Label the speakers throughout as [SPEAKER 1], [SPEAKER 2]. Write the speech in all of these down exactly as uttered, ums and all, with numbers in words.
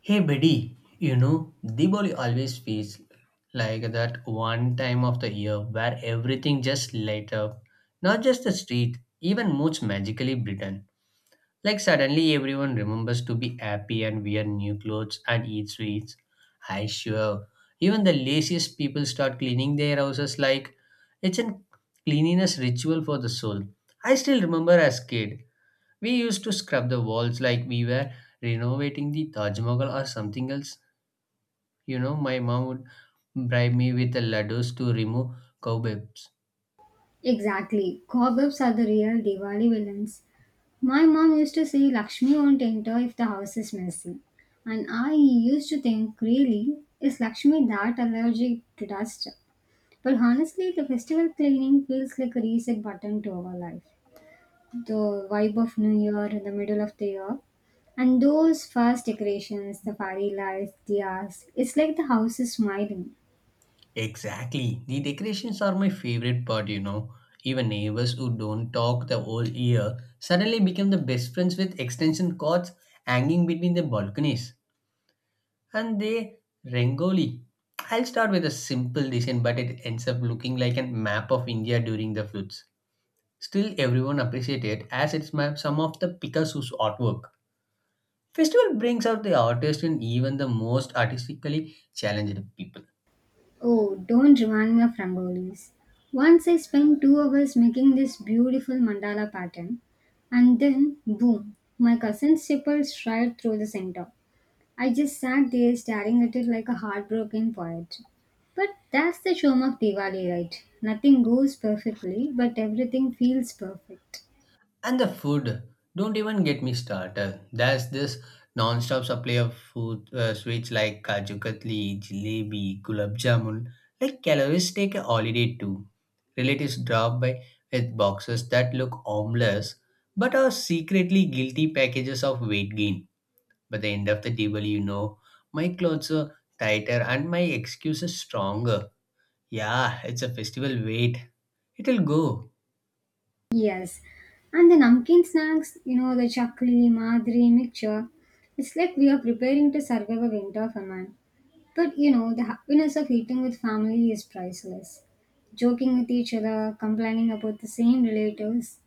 [SPEAKER 1] Hey buddy, you know, Diwali always feels like that one time of the year where everything just light up. Not just the street, even moods magically brighten. Like suddenly everyone remembers to be happy and wear new clothes and eat sweets. I sure. Even the laziest people start cleaning their houses like it's a cleanliness ritual for the soul. I still remember as kid, we used to scrub the walls like we were renovating the Taj Mahal or something else. You know, my mom would bribe me with the laddus to remove cobwebs.
[SPEAKER 2] Exactly. Cobwebs are the real Diwali villains. My mom used to say Lakshmi won't enter if the house is messy. And I used to think, really, is Lakshmi that allergic to dust? But honestly, the festival cleaning feels like a reset button to our life. The vibe of New Year in the middle of the year. And those first decorations, the fairy lights, the ass, it's like the house is smiling.
[SPEAKER 1] Exactly. The decorations are my favorite part, you know. Even neighbors who don't talk the whole year suddenly become the best friends with extension cords hanging between the balconies. And they rangoli. I'll start with a simple design, but it ends up looking like a map of India during the floods. Still, everyone appreciated as it's my, some of the Picasso's artwork. Festival brings out the artist in even the most artistically challenged people.
[SPEAKER 2] Oh, don't remind me of rangolis. Once I spent two hours making this beautiful mandala pattern, and then boom, my cousin's zipper right through the center. I just sat there staring at it like a heartbroken poet. But that's the charm of Diwali, right? Nothing goes perfectly, but everything feels perfect.
[SPEAKER 1] And the food, don't even get me started. There's this non-stop supply of food uh, sweets like kaju katli, jalebi, gulab jamun. Like calories take a holiday too. Relatives drop by with boxes that look harmless, but are secretly guilty packages of weight gain. By the end of the table, you know, my clothes are tighter and my excuses stronger. Yeah, it's a festival. Wait, it'll go.
[SPEAKER 2] Yes. And the namkeen snacks, you know, the chakli, madri mixture, it's like we are preparing to survive a winter famine. But you know, the happiness of eating with family is priceless. Joking with each other, complaining about the same relatives,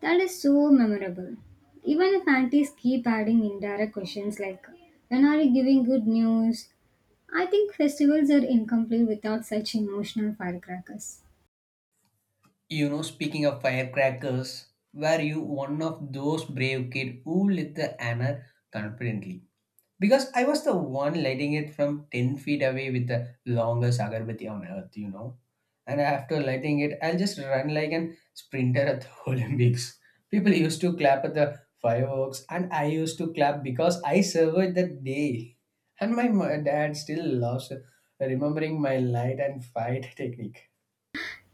[SPEAKER 2] that is so memorable. Even if aunties keep adding indirect questions like, when are you giving good news? I think festivals are incomplete without such emotional firecrackers.
[SPEAKER 1] You know, speaking of firecrackers, were you one of those brave kids who lit the anner confidently? Because I was the one lighting it from 10 feet away with the longest agarbatti on earth, you know. And after lighting it, I'll just run like an sprinter at the Olympics. People used to clap at the fireworks, and I used to clap because I survived that day. And my mo- dad still loves remembering my light and fight technique.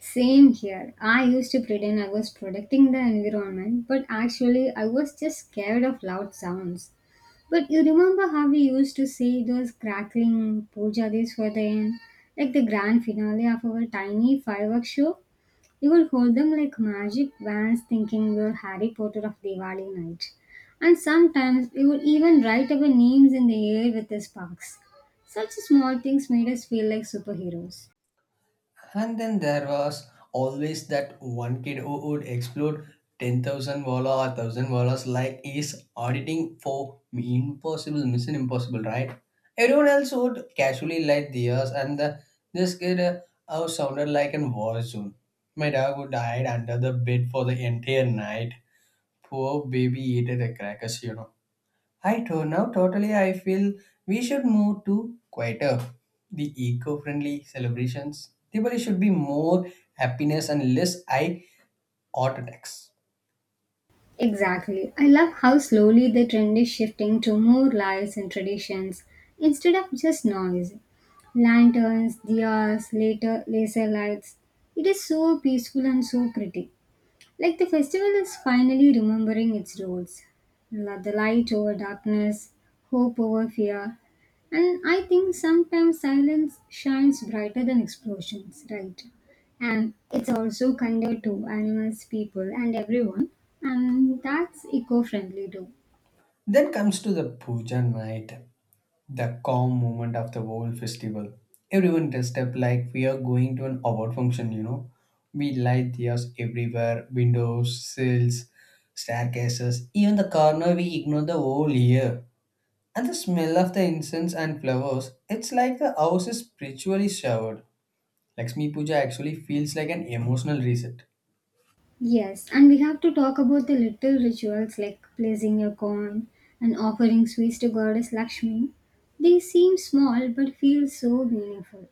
[SPEAKER 2] Same here. I used to pretend I was protecting the environment, but actually, I was just scared of loud sounds. But you remember how we used to see those crackling pujaris for the end, like the grand finale of our tiny fireworks show? You would hold them like magic wands thinking you're Harry Potter of Diwali night. And sometimes you would even write our names in the air with the sparks. Such small things made us feel like superheroes.
[SPEAKER 1] And then there was always that one kid who would explode ten thousand walla or one thousand wallas like is auditing for impossible, mission impossible, right? Everyone else would casually light theirs, and the, this kid uh, uh, sounded like an war zone. My dog would hide under the bed for the entire night. Poor baby ate the crackers, you know. I don't know. Totally, I feel we should move to quieter, the eco-friendly celebrations. Diwali should be more happiness and less eye attacks.
[SPEAKER 2] Exactly. I love how slowly the trend is shifting to more lights and traditions instead of just noise. Lanterns, diyas, later laser lights. It is so peaceful and so pretty. Like the festival is finally remembering its roles, La- the light over darkness, hope over fear. And I think sometimes silence shines brighter than explosions, right? And it's also kinder to animals, people, and everyone. And that's eco friendly too.
[SPEAKER 1] Then comes to the puja night, the calm moment of the whole festival. Everyone dressed up like we are going to an award function. You know, we light diyas everywhere, windows, sills, staircases, even the corner we ignore the whole year. And the smell of the incense and flowers, it's like the house is spiritually showered. Lakshmi Puja actually feels like an emotional reset.
[SPEAKER 2] Yes, and we have to talk about the little rituals like placing a coin and offering sweets to Goddess Lakshmi. They seem small but feel so meaningful.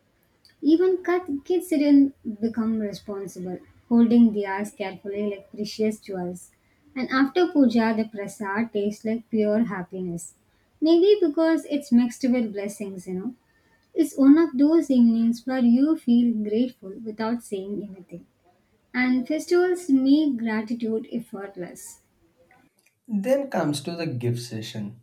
[SPEAKER 2] Even cut kids didn't become responsible, holding diyas carefully like precious jewels. And after puja, the prasad tastes like pure happiness, Maybe because it's mixed with blessings, you know. It's one of those evenings where you feel grateful without saying anything. And festivals make gratitude effortless.
[SPEAKER 1] Then comes to the gift session,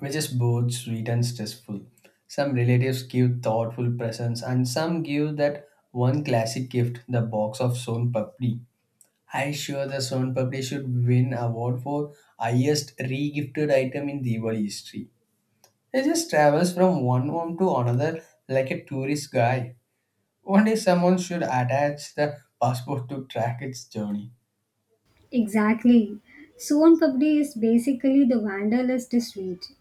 [SPEAKER 1] which is both sweet and stressful. Some relatives give thoughtful presents, and some give that one classic gift, the box of Son Papdi. I sure the Son Papdi should win award for highest regifted item in Diwali history. He just travels from one home to another like a tourist guy. One day someone should attach the passport to track its journey.
[SPEAKER 2] Exactly. Son Papdi is basically the wanderlust sweet.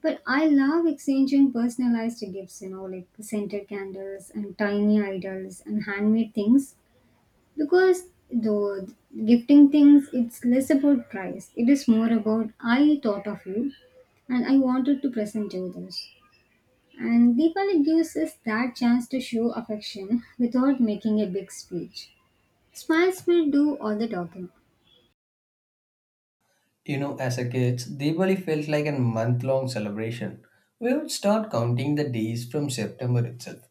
[SPEAKER 2] But I love exchanging personalized gifts, you know, like scented candles and tiny idols and handmade things because though gifting things it's less about price. It is more about I thought of you and I wanted to present you this. And Deepali gives us that chance to show affection without making a big speech. Smiles will do all the talking.
[SPEAKER 1] You know, as a kid, Diwali felt like a month-long celebration. We would start counting the days from September itself,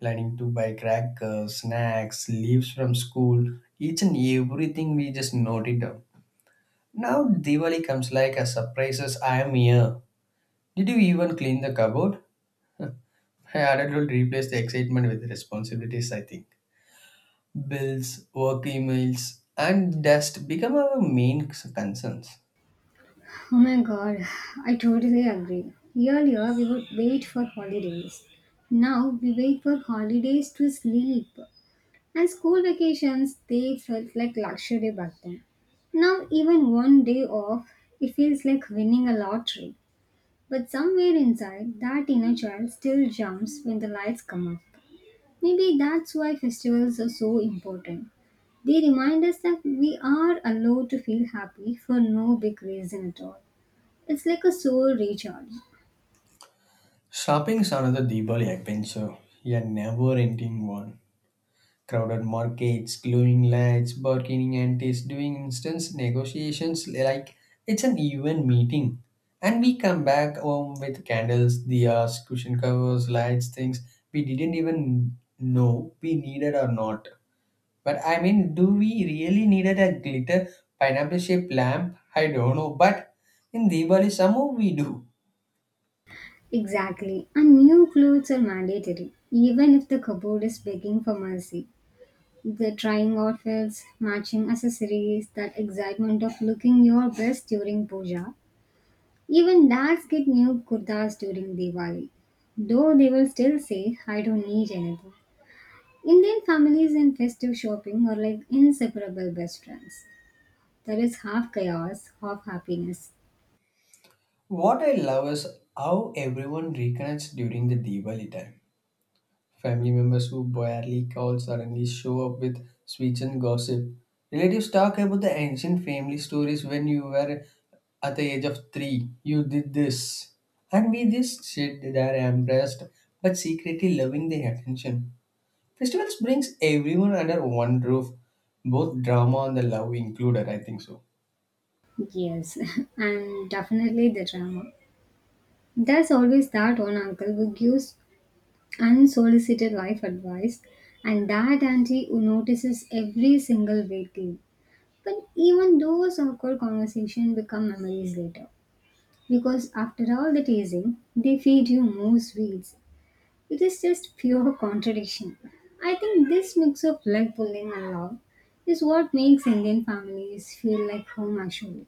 [SPEAKER 1] planning to buy crackers, snacks, leaves from school, each and everything we just noted down. Now Diwali comes like a surprise as I am here. Did you even clean the cupboard? I adult will replace the excitement with responsibilities, I think. Bills, work emails, and dust become our main c- concerns.
[SPEAKER 2] Oh my god, I totally agree. Earlier we would wait for holidays. Now we wait for holidays to sleep. And school vacations, they felt like luxury back then. Now, even one day off, it feels like winning a lottery. But somewhere inside, that inner child still jumps when the lights come up. Maybe that's why festivals are so important. They remind us that we are allowed to feel happy for no big reason at all. It's like a soul recharge.
[SPEAKER 1] Shopping is another Diwali adventure, a never-ending one. Crowded markets, glowing lights, bargaining antics, doing instance negotiations like it's an even meeting. And we come back home with candles, diyas, cushion covers, lights, things we didn't even know we needed or not. But I mean, do we really needed a glitter pineapple shaped lamp? I don't know, but in Diwali, somehow we do.
[SPEAKER 2] Exactly. And new clothes are mandatory. Even if the cupboard is begging for mercy. The trying outfits, matching accessories, that excitement of looking your best during puja. Even dads get new kurtas during Diwali. Though they will still say, I don't need anything. Indian families and festive shopping are like inseparable best friends. There is half chaos, half happiness.
[SPEAKER 1] What I love is how everyone reconnects during the Diwali time. Family members who barely call suddenly show up with sweets and gossip. Relatives talk about the ancient family stories when you were at the age of three. You did this. And we just sit there embarrassed but secretly loving the attention. Festivals brings everyone under one roof, both drama and the love included, I think so.
[SPEAKER 2] Yes, and definitely the drama. There's always that one uncle who gives unsolicited life advice, and that auntie who notices every single weight gain. But even those awkward conversations become memories later, because after all the teasing, they feed you more sweets. It is just pure contradiction. I think this mix of leg pulling and love is what makes Indian families feel like home actually.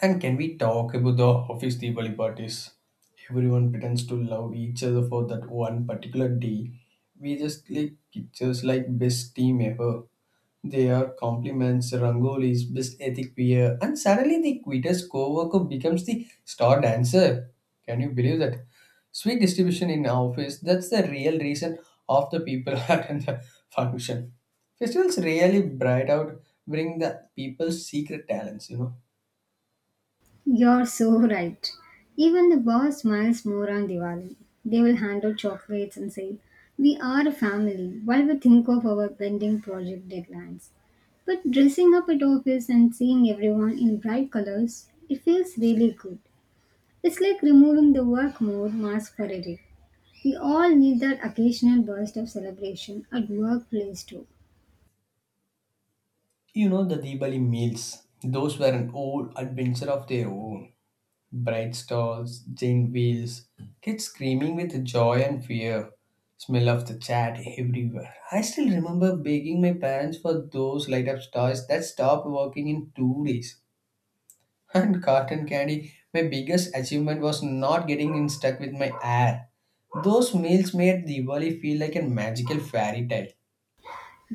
[SPEAKER 1] And can we talk about the office Diwali parties? Everyone pretends to love each other for that one particular day. We just click pictures like best team ever. They are compliments, rangolis, best ethic wear, and suddenly the quittest co-worker becomes the star dancer. Can you believe that? Sweet distribution in our office, that's the real reason of the people attend the function. Festivals really bright out, bring the people's secret talents, you know.
[SPEAKER 2] You're so right. Even the boss smiles more on Diwali. They will hand out chocolates and say, we are a family while we think of our pending project deadlines. But dressing up at office and seeing everyone in bright colors, it feels really good. It's like removing the work mode mask for a day. We all need that occasional burst of celebration at workplace too.
[SPEAKER 1] You know the Diwali meals. Those were an old adventure of their own. Bright stalls, giant wheels, kids screaming with joy and fear, smell of the chat everywhere. I still remember begging my parents for those light up stars that stopped working in two days. And cotton candy, my biggest achievement was not getting in stuck with my hair. Those meals made Diwali feel like a magical fairy tale.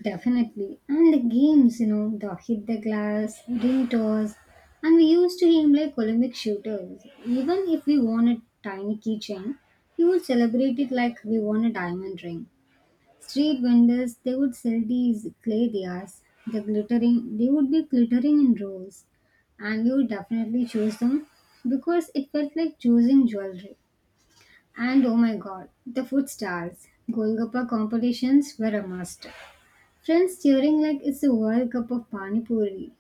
[SPEAKER 2] Definitely. And the games, you know, the hit the glass, ring toss, and we used to aim like Olympic shooters. Even if we won a tiny keychain, we would celebrate it like we won a diamond ring. Street vendors, they would sell these clay diyas, the glittering, they would be glittering in rows, and we would definitely choose them because it felt like choosing jewelry. And oh my god, the food stars. Golgappa competitions were a must. Friends cheering like it's a World Cup of Pani Puri.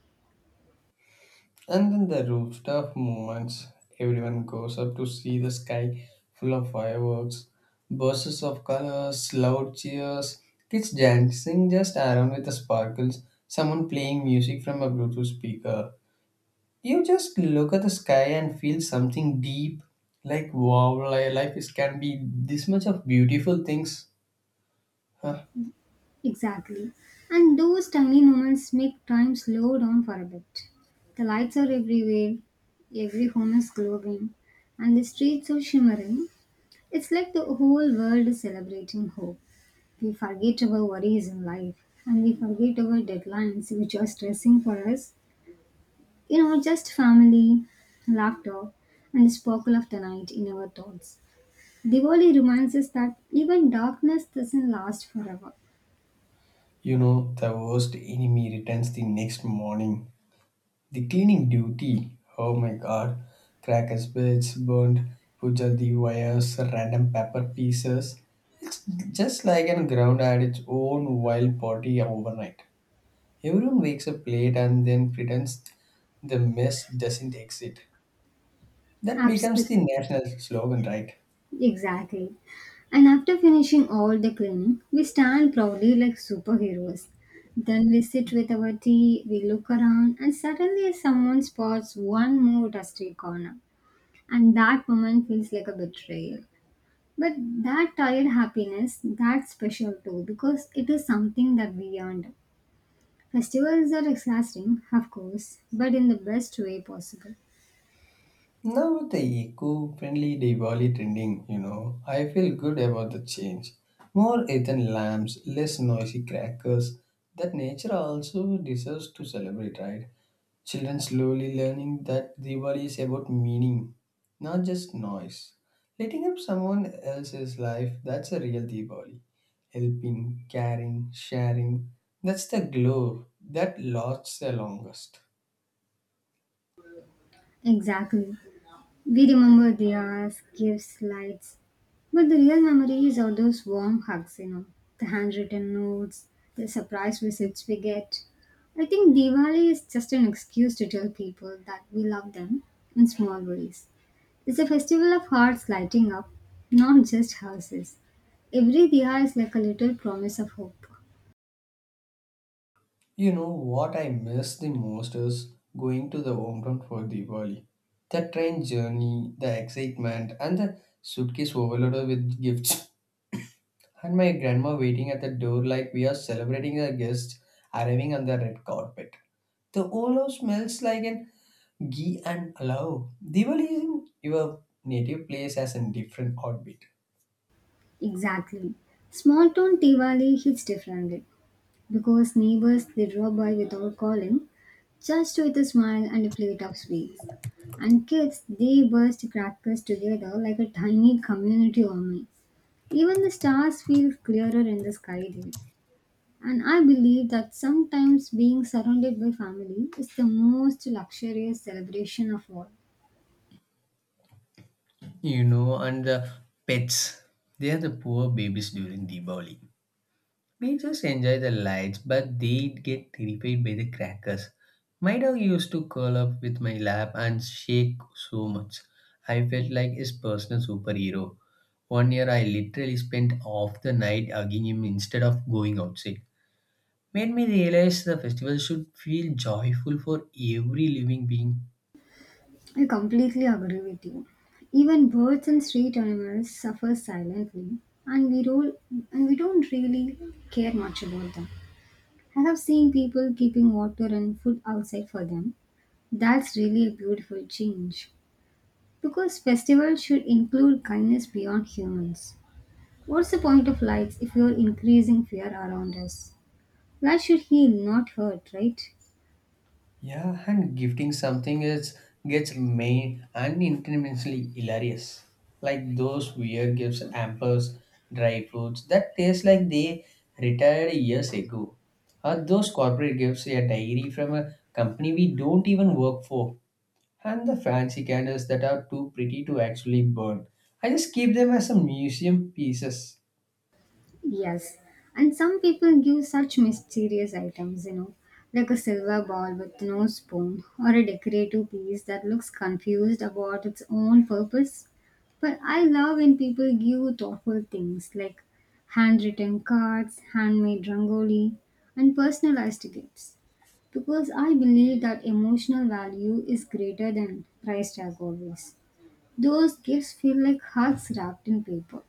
[SPEAKER 1] And then the rooftop moments, everyone goes up to see the sky full of fireworks, bursts of colors, loud cheers, kids dancing just around with the sparkles, someone playing music from a Bluetooth speaker. You just look at the sky and feel something deep, like wow, li- life is can be this much of beautiful things. Huh.
[SPEAKER 2] Exactly. And those tiny moments make time slow down for a bit. The lights are everywhere, every home is glowing, and the streets are shimmering. It's like the whole world is celebrating hope. We forget our worries in life, and we forget our deadlines which are stressing for us. You know, just family, laughter, and the sparkle of the night in our thoughts. Diwali reminds us that even darkness doesn't last forever.
[SPEAKER 1] You know, the worst enemy returns the next morning. The cleaning duty, oh my god, crackers, bits, burned pujal, the wires, random paper pieces. It's just like an ground had its own wild party overnight. Everyone wakes up late and then pretends the mess doesn't exist. That becomes
[SPEAKER 2] Absolutely.
[SPEAKER 1] the national slogan, right?
[SPEAKER 2] Exactly. And after finishing all the cleaning, we stand proudly like superheroes. Then we sit with our tea, we look around, and suddenly someone spots one more dusty corner. And that moment feels like a betrayal. But that tired happiness, that's special too, because it is something that we earned. Festivals are exhausting, of course, but in the best way possible.
[SPEAKER 1] Now with the eco-friendly Diwali trending, you know, I feel good about the change. More earthen lamps, less noisy crackers. That nature also deserves to celebrate, right? Children slowly learning that Diwali is about meaning, not just noise. Lighting up someone else's life, that's a real Diwali. Helping, caring, sharing, that's the glow that lasts the longest.
[SPEAKER 2] Exactly. We remember the gifts, lights. But the real memories are those warm hugs, you know, the handwritten notes, the surprise visits we get. I think Diwali is just an excuse to tell people that we love them in small ways. It's a festival of hearts lighting up, not just houses. Every Diya is like a little promise of hope.
[SPEAKER 1] You know what I miss the most is going to the hometown for Diwali. The train journey, the excitement, and the suitcase overloaded with gifts. And my grandma waiting at the door like we are celebrating a guest arriving on the red carpet. The whole house smells like an ghee and allow. Diwali in your native place has a different orbit.
[SPEAKER 2] Exactly. Small town Diwali hits differently, because neighbors they drop by without calling, just with a smile and a plate of sweets. And kids they burst crackers together like a tiny community army. Even the stars feel clearer in the sky there. And I believe that sometimes being surrounded by family is the most luxurious celebration of all.
[SPEAKER 1] You know, and the pets. They are the poor babies during Diwali. We just enjoy the lights, but they get terrified by the crackers. My dog used to curl up with my lap and shake so much. I felt like his personal superhero. One year I literally spent half the night hugging him instead of going outside. Made me realize the festival should feel joyful for every living being.
[SPEAKER 2] I completely agree with you. Even birds and street animals suffer silently, and we do and we don't really care much about them. I have seen people keeping water and food outside for them. That's really a beautiful change. Because festivals should include kindness beyond humans. What's the point of lights if you're increasing fear around us? Light should heal, not hurt, right?
[SPEAKER 1] Yeah, and gifting something is gets main and intimately hilarious. Like those weird gifts, hampers, dry foods that taste like they retired years ago. Or those corporate gifts, a diary from a company we don't even work for, and the fancy candles that are too pretty to actually burn. I just keep them as a museum pieces.
[SPEAKER 2] Yes, and some people give such mysterious items, you know, like a silver ball with no spoon or a decorative piece that looks confused about its own purpose. But I love when people give thoughtful things like handwritten cards, handmade rangoli, and personalized gifts because I believe that emotional value is greater than price tag always. Those gifts feel like hearts wrapped in paper.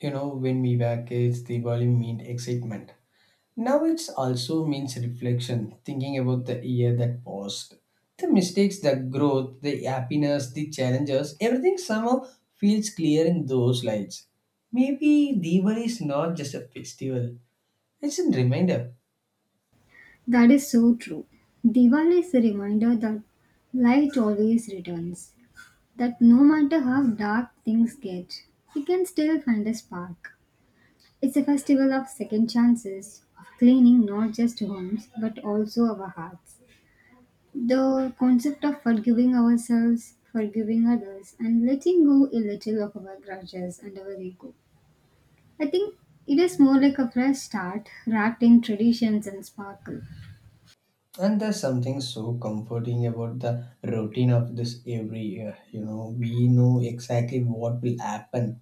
[SPEAKER 1] You know, when we were kids, Diwali meant excitement. Now it's also means reflection, thinking about the year that passed, the mistakes, the growth, the happiness, the challenges, everything somehow feels clear in those lights. Maybe Diwali is not just a festival, it's a reminder.
[SPEAKER 2] That is so true. Diwali is a reminder that light always returns, that no matter how dark things get, we can still find a spark. It's a festival of second chances, of cleaning not just homes but also our hearts. The concept of forgiving ourselves, forgiving others, and letting go a little of our grudges and our ego. I think it is more like a fresh start wrapped in traditions and sparkle.
[SPEAKER 1] And there's something so comforting about the routine of this every year. You know, we know exactly what will happen.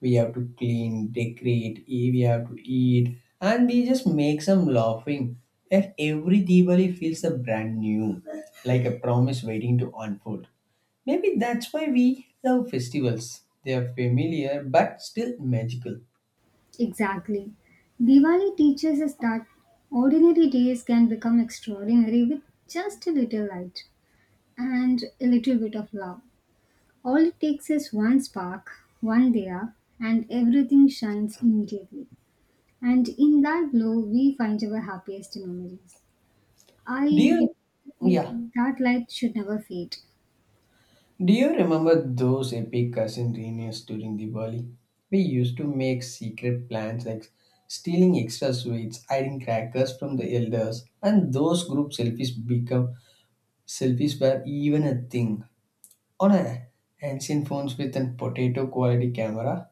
[SPEAKER 1] We have to clean, decorate, eat, we have to eat, and we just make some laughing. And every Diwali feels a brand new, like a promise waiting to unfold. Maybe that's why we love festivals. They are familiar but still magical.
[SPEAKER 2] Exactly. Diwali teaches us that ordinary days can become extraordinary with just a little light and a little bit of love. All it takes is one spark, one diya, and everything shines immediately. And in that glow, we find our happiest memories. I
[SPEAKER 1] Do you,
[SPEAKER 2] believe we-
[SPEAKER 1] yeah,
[SPEAKER 2] that light should never fade.
[SPEAKER 1] do you remember those epic cousin reunions during Diwali? We used to make secret plans like stealing extra sweets, hiding crackers from the elders, and those group selfies become. Selfies were even a thing on a ancient phones with a potato quality camera.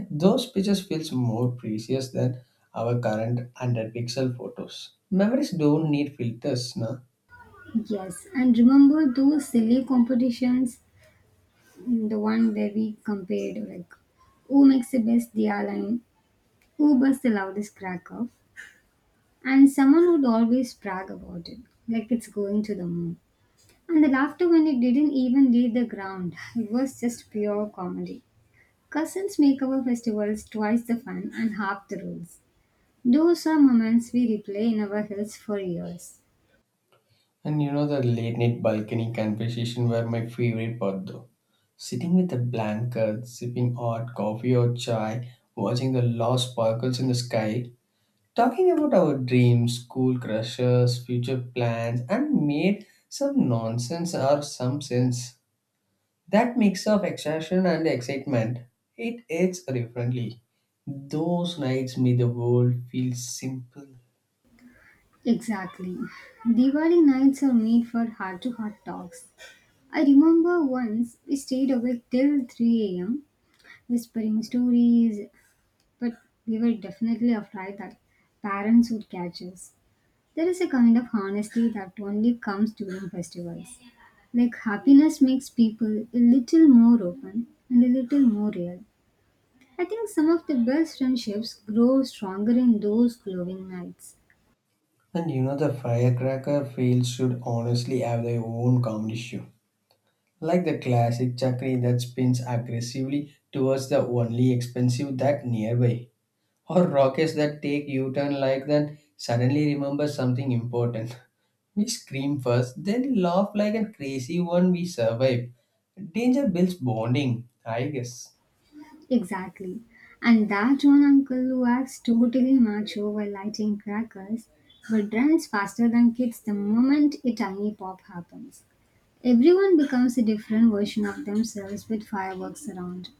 [SPEAKER 1] Those pictures feels more precious than our current one hundred pixel photos. Memories don't need filters, na.
[SPEAKER 2] Yes, and remember those silly competitions, the one where we compared like who makes the best diya line, who burst the loudest crack off, and someone would always brag about it, like it's going to the moon. And the laughter when it didn't even leave the ground, it was just pure comedy. Cousins make our festivals twice the fun and half the rules. Those are moments we replay in our heads for years.
[SPEAKER 1] And you know the late night balcony conversation were my favorite part though. Sitting with a blanket, sipping hot coffee or chai, watching the lost sparkles in the sky, talking about our dreams, school crushes, future plans, and made some nonsense or some sense. That mix of exhaustion and excitement, it hits differently. Those nights made the world feel simple.
[SPEAKER 2] Exactly. Diwali nights are made for heart to heart talks. I remember once we stayed awake till three a m, whispering stories, but we were definitely afraid that parents would catch us. There is a kind of honesty that only comes during festivals. Like happiness makes people a little more open and a little more real. I think some of the best friendships grow stronger in those glowing nights.
[SPEAKER 1] And you know the firecracker field should honestly have their own comedy show. Like the classic chakri that spins aggressively towards the only expensive that nearby. Or rockets that take U-turn like that suddenly remember something important. We scream first, then laugh like a crazy one we survive. Danger builds bonding, I guess.
[SPEAKER 2] Exactly. And that one uncle who acts totally macho while lighting crackers but runs faster than kids the moment a tiny pop happens. Everyone becomes a different version of themselves with fireworks around.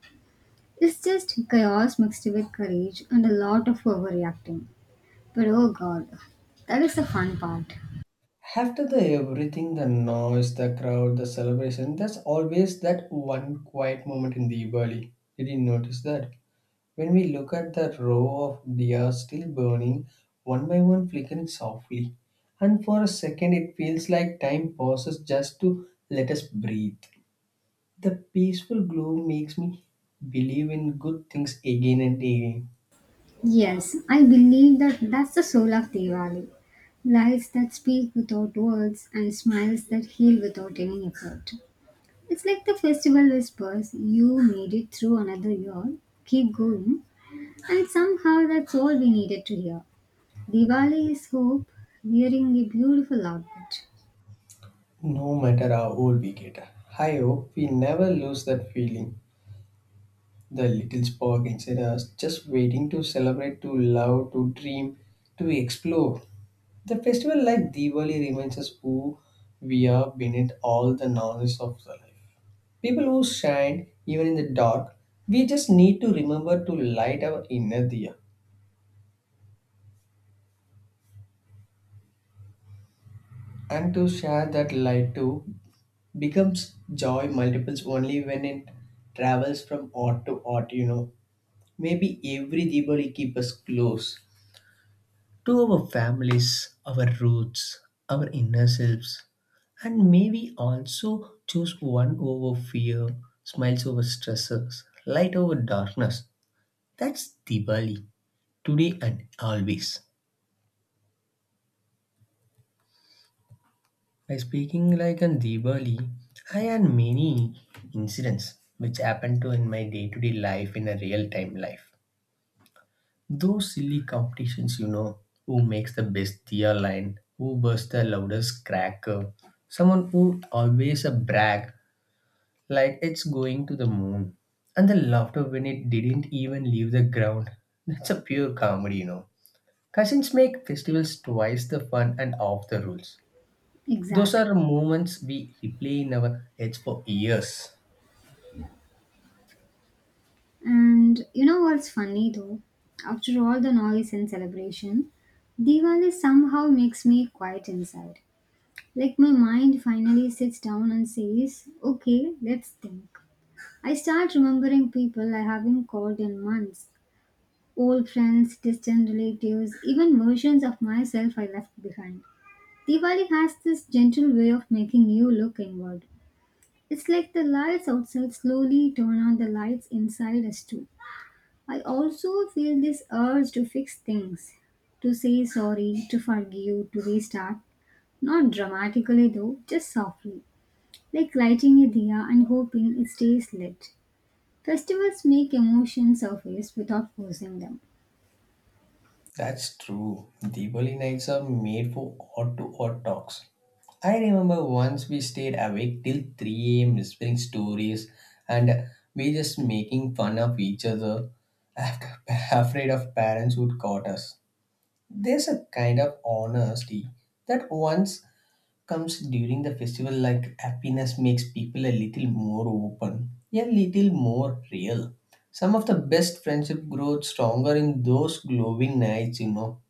[SPEAKER 2] It's just chaos mixed with courage and a lot of overreacting. But oh god, that is the fun part.
[SPEAKER 1] After the everything, the noise, the crowd, the celebration, there's always that one quiet moment in the Diwali. Did you notice that? When we look at the row of deer still burning, one by one flickering softly, and for a second it feels like time pauses just to let us breathe. The peaceful glow makes me believe in good things again and again,
[SPEAKER 2] Yes, I believe that that's the soul of Diwali. Lights that speak without words and smiles that heal without any effort. It's like the festival whispers, you made it through another year, keep going, and somehow that's all we needed to hear. Diwali is hope wearing a beautiful outfit.
[SPEAKER 1] no matter how old we get. I hope we never lose that feeling. The little spark inside us, just waiting to celebrate, to love, to dream, to explore. The festival like Diwali reminds us who we are beneath all the noise of the life. People who shine even in the dark, we just need to remember to light our inner diya and to share that light too becomes joy multiples only when it travels from art to art, you know. Maybe every Diwali keep us close to our families, our roots, our inner selves, and maybe also choose one over fear, smiles over stressors, light over darkness. That's Diwali, today and always. By speaking like an Diwali, I had many incidents which happened to in my day-to-day life in a real-time life. Those silly competitions, you know, who makes the best tear line, who bursts the loudest cracker, someone who always a brag like it's going to the moon, and the laughter when it didn't even leave the ground. That's a pure comedy, you know. Cousins make festivals twice the fun and off the rules. Those
[SPEAKER 2] Exactly.
[SPEAKER 1] are moments we replay in our heads for years.
[SPEAKER 2] And you know what's funny though? After all the noise and celebration, Diwali somehow makes me quiet inside. Like my mind finally sits down and says, okay, let's think. I start remembering people I haven't called in months. Old friends, distant relatives, even versions of myself I left behind. Diwali has this gentle way of making you look inward. It's like the lights outside slowly turn on the lights inside us too. I also feel this urge to fix things, to say sorry, to forgive, to restart. Not dramatically though, just softly. Like lighting a diya and hoping it stays lit. Festivals make emotions surface without forcing them.
[SPEAKER 1] That's true. Diwali nights are made for odd to odd talks. I remember once we stayed awake till three a m whispering stories, and we just making fun of each other after afraid of parents would caught us. There's a kind of honesty that once comes during the festival like happiness makes people a little more open, a little more real. Some of the best friendship grows stronger in those glowing nights, you know.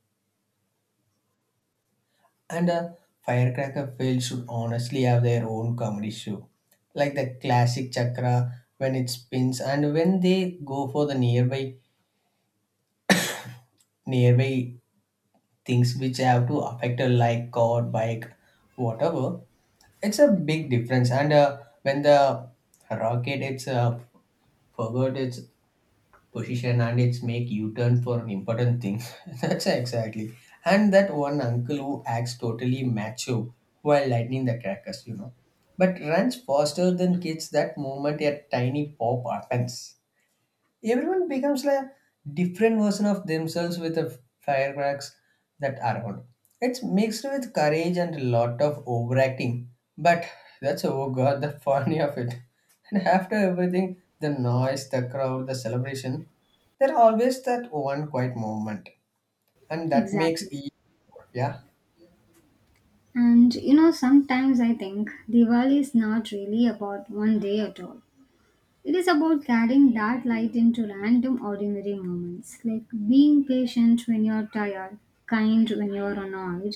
[SPEAKER 1] And a firecracker fail should honestly have their own comedy show, like the classic chakra when it spins and when they go for the nearby nearby things which have to affect a like car, bike, whatever. It's a big difference. And uh, when the rocket it's uh, forgot It's position and it's make u-turn for an important things. That's exactly, and that one uncle who acts totally macho while lightning the crackers, you know but runs faster than kids that moment a tiny pop happens. Everyone becomes like a different version of themselves with the firecracks that around. It's mixed with courage and a lot of overacting, but that's oh god the funny of it. And after everything, the noise, the crowd, the celebration, there always that one quiet moment, and that makes
[SPEAKER 2] Exactly.
[SPEAKER 1] each yeah
[SPEAKER 2] And you know, sometimes I think Diwali is not really about one day at all. It is about carrying that light into random ordinary moments, like being patient when you're tired, kind when you're annoyed.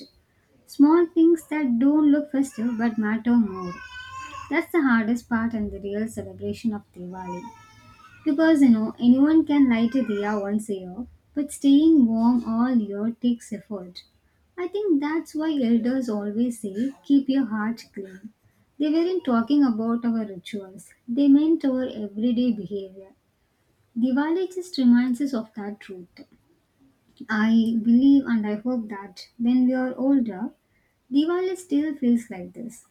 [SPEAKER 2] Small things that don't look festive but matter more. That's the hardest part and the real celebration of Diwali. Because you know, anyone can light a diya once a year, but staying warm all year takes effort. I think that's why elders always say, keep your heart clean. They weren't talking about our rituals, they meant our everyday behavior. Diwali just reminds us of that truth. I believe and I hope that when we are older, Diwali still feels like this.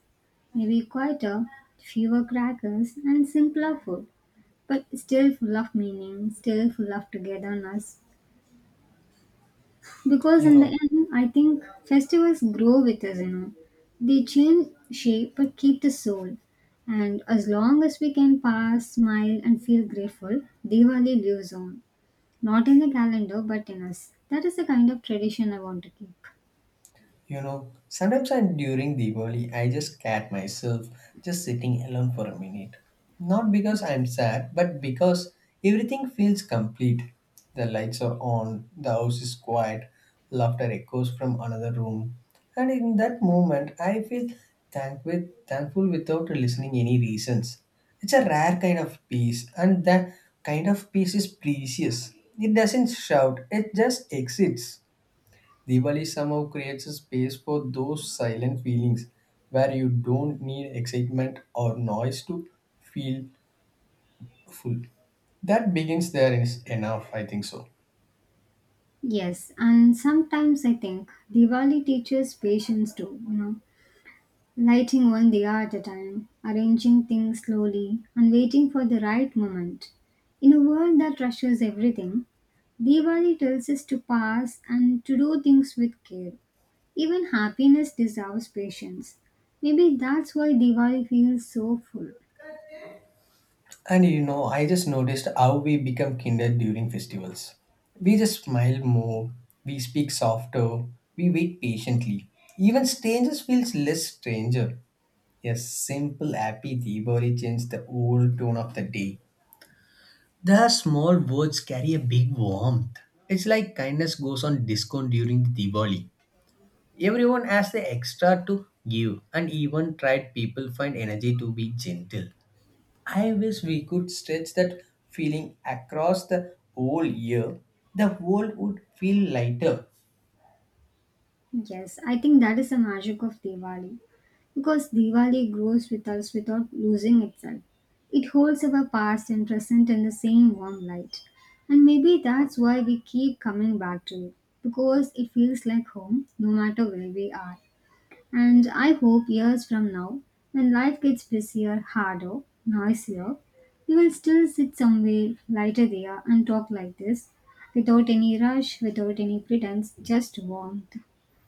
[SPEAKER 2] Maybe quieter, fewer crackers, and simpler food but still full of meaning, still full of togetherness. Because
[SPEAKER 1] you
[SPEAKER 2] in the
[SPEAKER 1] know
[SPEAKER 2] end, I think festivals grow with us, you know. They change shape but keep the soul. And as long as we can pass, smile, and feel grateful, Diwali lives on. Not in the calendar, but in us. That is the kind of tradition I want to keep.
[SPEAKER 1] You know, sometimes I during Diwali I just cat myself just sitting alone for a minute. Not because I'm sad, but because everything feels complete. The lights are on, the house is quiet, laughter echoes from another room. And in that moment I feel thank with, thankful without listening any reasons. It's a rare kind of peace, and that kind of peace is precious. It doesn't shout, it just exists. Diwali somehow creates a space for those silent feelings where you don't need excitement or noise to feel full. That begins there is enough, I think so.
[SPEAKER 2] Yes, and sometimes I think Diwali teaches patience too. You know, lighting one diya at a time, arranging things slowly, and waiting for the right moment. In a world that rushes everything, Diwali tells us to pause and to do things with care. Even happiness deserves patience. Maybe that's why Diwali feels so full.
[SPEAKER 1] And you know, I just noticed how we become kinder during festivals. We just smile more, we speak softer, we wait patiently. Even strangers feels less stranger. Yes, simple happy Diwali changed the whole tone of the day. The small words carry a big warmth. It's like kindness goes on discount during Diwali. Everyone has the extra to give, and even tried people find energy to be gentle. I wish we could stretch that feeling across the whole year. The world would feel lighter.
[SPEAKER 2] Yes, I think that is the magic of Diwali. Because Diwali grows with us without losing itself. It holds our past and present in the same warm light. And maybe that's why we keep coming back to it, because it feels like home no matter where we are. And I hope years from now, when life gets busier, harder, noisier, we will still sit somewhere lighter there and talk like this, without any rush, without any pretense, just warmth.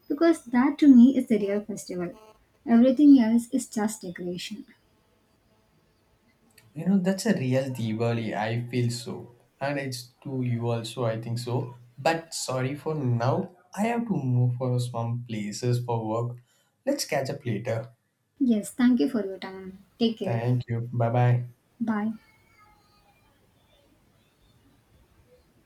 [SPEAKER 2] Because that to me is the real festival. Everything else is just decoration.
[SPEAKER 1] You know, that's a real Diwali. I feel so. And it's to you also, I think so. But sorry for now. I have to move for some places for work. Let's catch up later.
[SPEAKER 2] Yes, thank you for your time. Take care.
[SPEAKER 1] Thank you. Bye bye.
[SPEAKER 2] Bye.